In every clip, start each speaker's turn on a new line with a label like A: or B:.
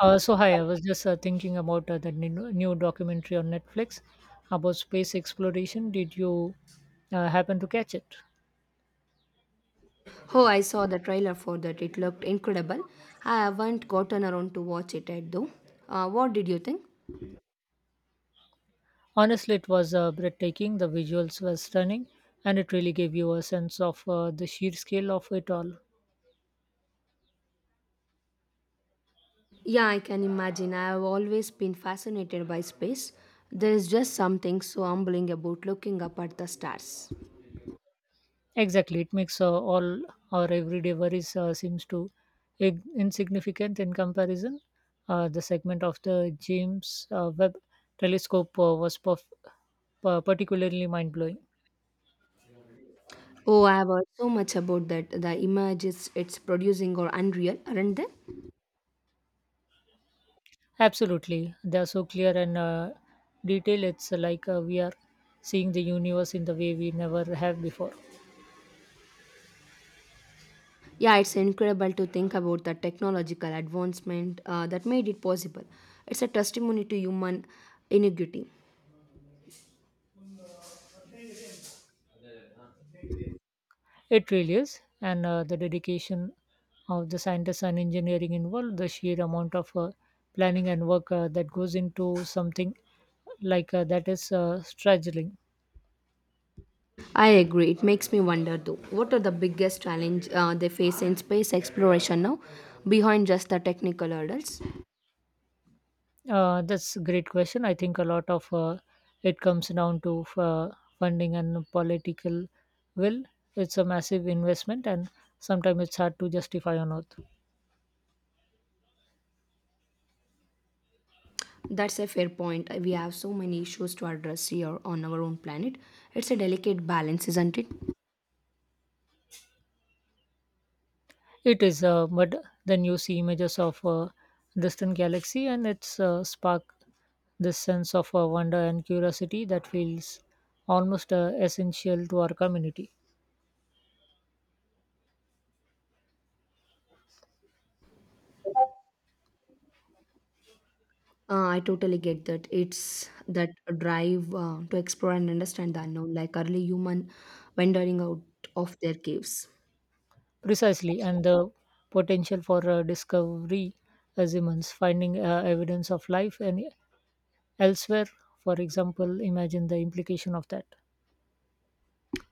A: So hi, I was just thinking about the new documentary on Netflix about space exploration. Did you happen to catch it?
B: Oh, I saw the trailer for that. It looked incredible. I haven't gotten around to watch it yet, though. What did you think?
A: Honestly, it was breathtaking. The visuals were stunning, and it really gave you a sense of the sheer scale of it all.
B: Yeah, I can imagine. I have always been fascinated by space. There is just something so humbling about looking up at the stars.
A: Exactly, it makes all our everyday worries seems to insignificant in comparison. The segment of the James Webb Telescope was particularly mind blowing.
B: Oh, I have heard so much about that. The images it's producing are unreal, aren't they?
A: Absolutely, they are so clear and detailed. It's like we are seeing the universe in the way we never have before.
B: Yeah, it's incredible to think about the technological advancement that made it possible. It's a testimony to human ingenuity.
A: It really is, and the dedication of the scientists and engineering involved, the sheer amount of planning and work that goes into something like that is struggling.
B: I agree. It makes me wonder though, what are the biggest challenge they face in space exploration now, behind just the technical hurdles?
A: That's a great question. I think a lot of it comes down to funding and political will. It's a massive investment, and sometimes it's hard to justify on earth.
B: That's a fair point. We have so many issues to address here on our own planet. It's a delicate balance, isn't it?
A: It is, but then you see images of a distant galaxy, and it's spark this sense of wonder and curiosity that feels almost essential to our community.
B: I totally get that. It's that drive to explore and understand the unknown, like early human wandering out of their caves.
A: Precisely, and the potential for discovery is immense. Finding evidence of life and elsewhere, for example, imagine the implication of that.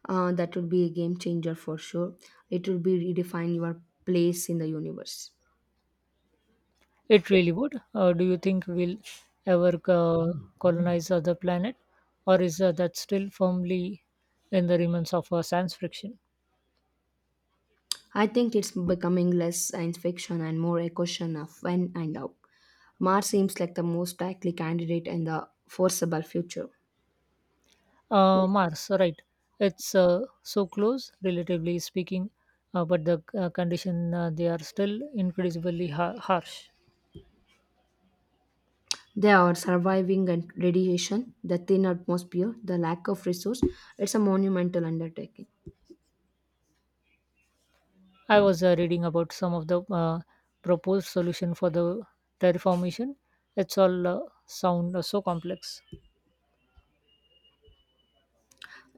B: That would be a game changer for sure. It would be redefine your place in the universe.
A: It really would. Do you think we'll ever colonize other planet, or is that still firmly in the realms of science fiction?
B: I think it's becoming less science fiction and more a question of when and how. Mars seems like the most likely candidate in the foreseeable future.
A: Mars, right? It's so close, relatively speaking, but the condition they are still incredibly harsh.
B: They are surviving and radiation, the thin atmosphere, the lack of resource. It's a monumental undertaking.
A: I was reading about some of the proposed solution for the terraformation. It's all sound so complex.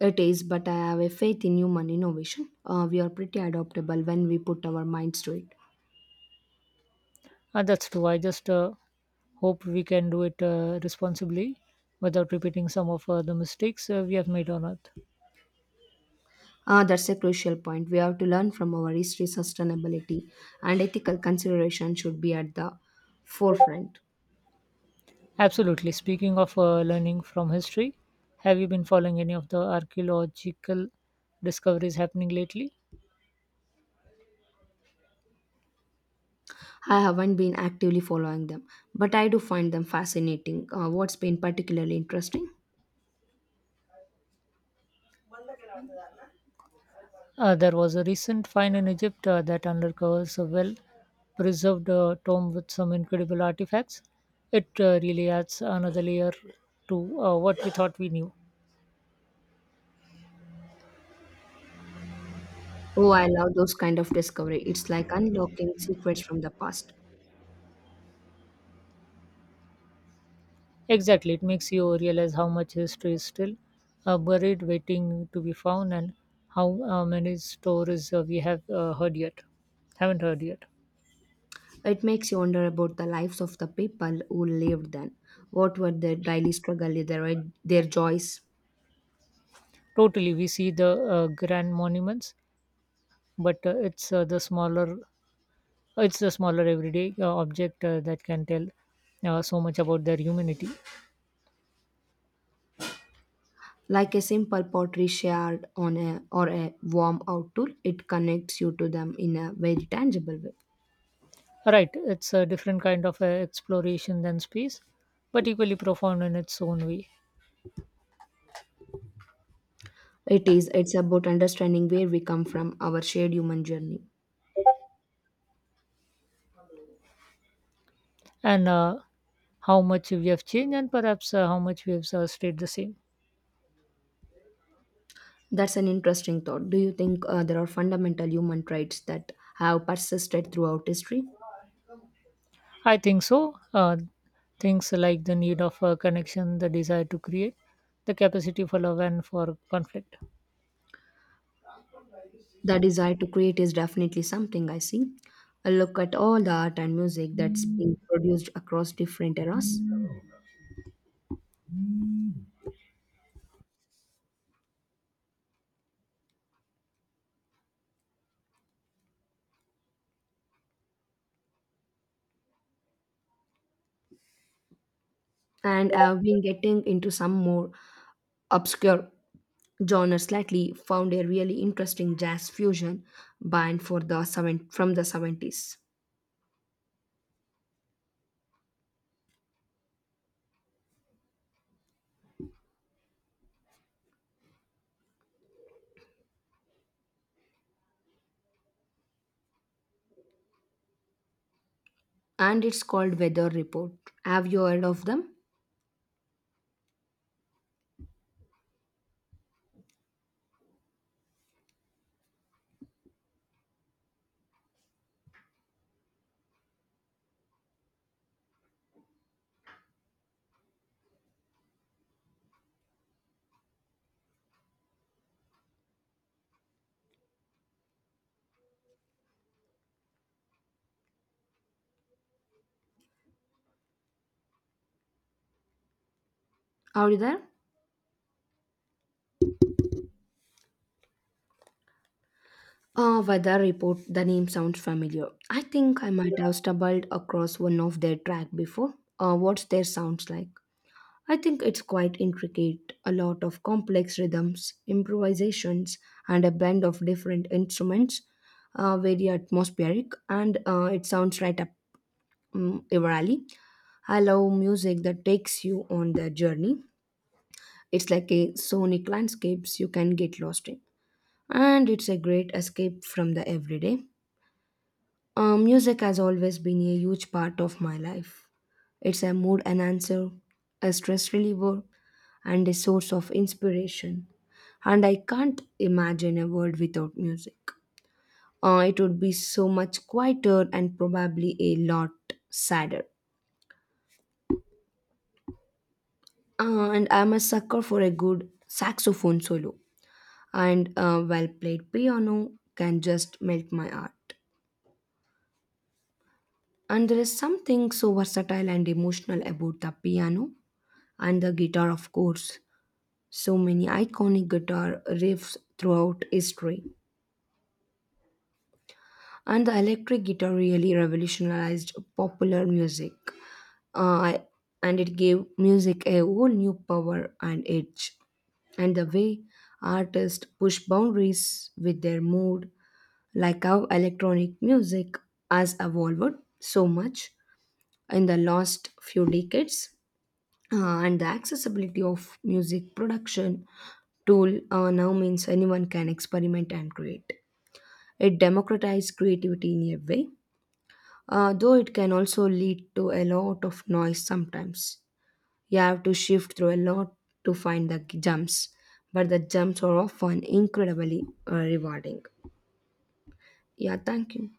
B: It is, but I have a faith in human innovation. We are pretty adaptable when we put our minds to it.
A: That's true. I just hope we can do it responsibly without repeating some of the mistakes we have made on earth.
B: Ah, that's a crucial point. We have to learn from our history, sustainability, and ethical consideration should be at the forefront.
A: Absolutely. Speaking of learning from history, have you been following any of the archaeological discoveries happening lately?
B: I haven't been actively following them, but I do find them fascinating. What's been particularly interesting?
A: There was a recent find in Egypt that uncovers a well preserved tomb with some incredible artifacts. It really adds another layer to what we thought we knew.
B: Oh, I love those kind of discovery. It's like unlocking secrets from the past.
A: Exactly, it makes you realize how much history is still buried, waiting to be found, and how many stories we have haven't heard yet.
B: It makes you wonder about the lives of the people who lived then. What were their daily struggle, their joys?
A: Totally, we see the grand monuments, but it's the smaller everyday object that can tell so much about their humanity.
B: Like a simple pottery shared on a or a warm outdoor, it connects you to them in a very tangible way.
A: Right, it's a different kind of exploration than space, but equally profound in its own way.
B: It is. It's about understanding where we come from, our shared human journey.
A: And how much we have changed and perhaps how much we have stayed the same.
B: That's an interesting thought. Do you think there are fundamental human traits that have persisted throughout history?
A: I think so. Things like the need of connection, the desire to create, the capacity for love and for conflict.
B: The desire to create is definitely something I see. I look at all the art and music that's been produced across different eras, and I've been getting into some more obscure genres lately. Found a really interesting jazz fusion band for the seven, from the 70s, and it's called Weather Report. Have you heard of them? Are you there? Ah, weather report, the name sounds familiar. I think I might have stumbled across one of their track before. What's their sounds like? I think it's quite intricate, a lot of complex rhythms, improvisations, and a blend of different instruments, very atmospheric, and it sounds right up your alley. I love music that takes you on the journey. It's like a sonic landscapes you can get lost in. And it's a great escape from the everyday. Music has always been a huge part of my life. It's a mood enhancer, a stress reliever, and a source of inspiration. And I can't imagine a world without music. It would be so much quieter and probably a lot sadder. And I'm a sucker for a good saxophone solo. And a well played piano can just melt my heart. And there is something so versatile and emotional about the piano and the guitar of course, so many iconic guitar riffs throughout history, and the electric guitar really revolutionized popular music, uh, and it gave music a whole new power and edge, and the way artists push boundaries with their mood, like how electronic music has evolved so much in the last few decades. And the accessibility of music production tool now means anyone can experiment and create. It democratizes creativity in a way, though it can also lead to a lot of noise sometimes. You have to shift through a lot to find the jumps, but the jumps are often incredibly rewarding. Yeah, thank you.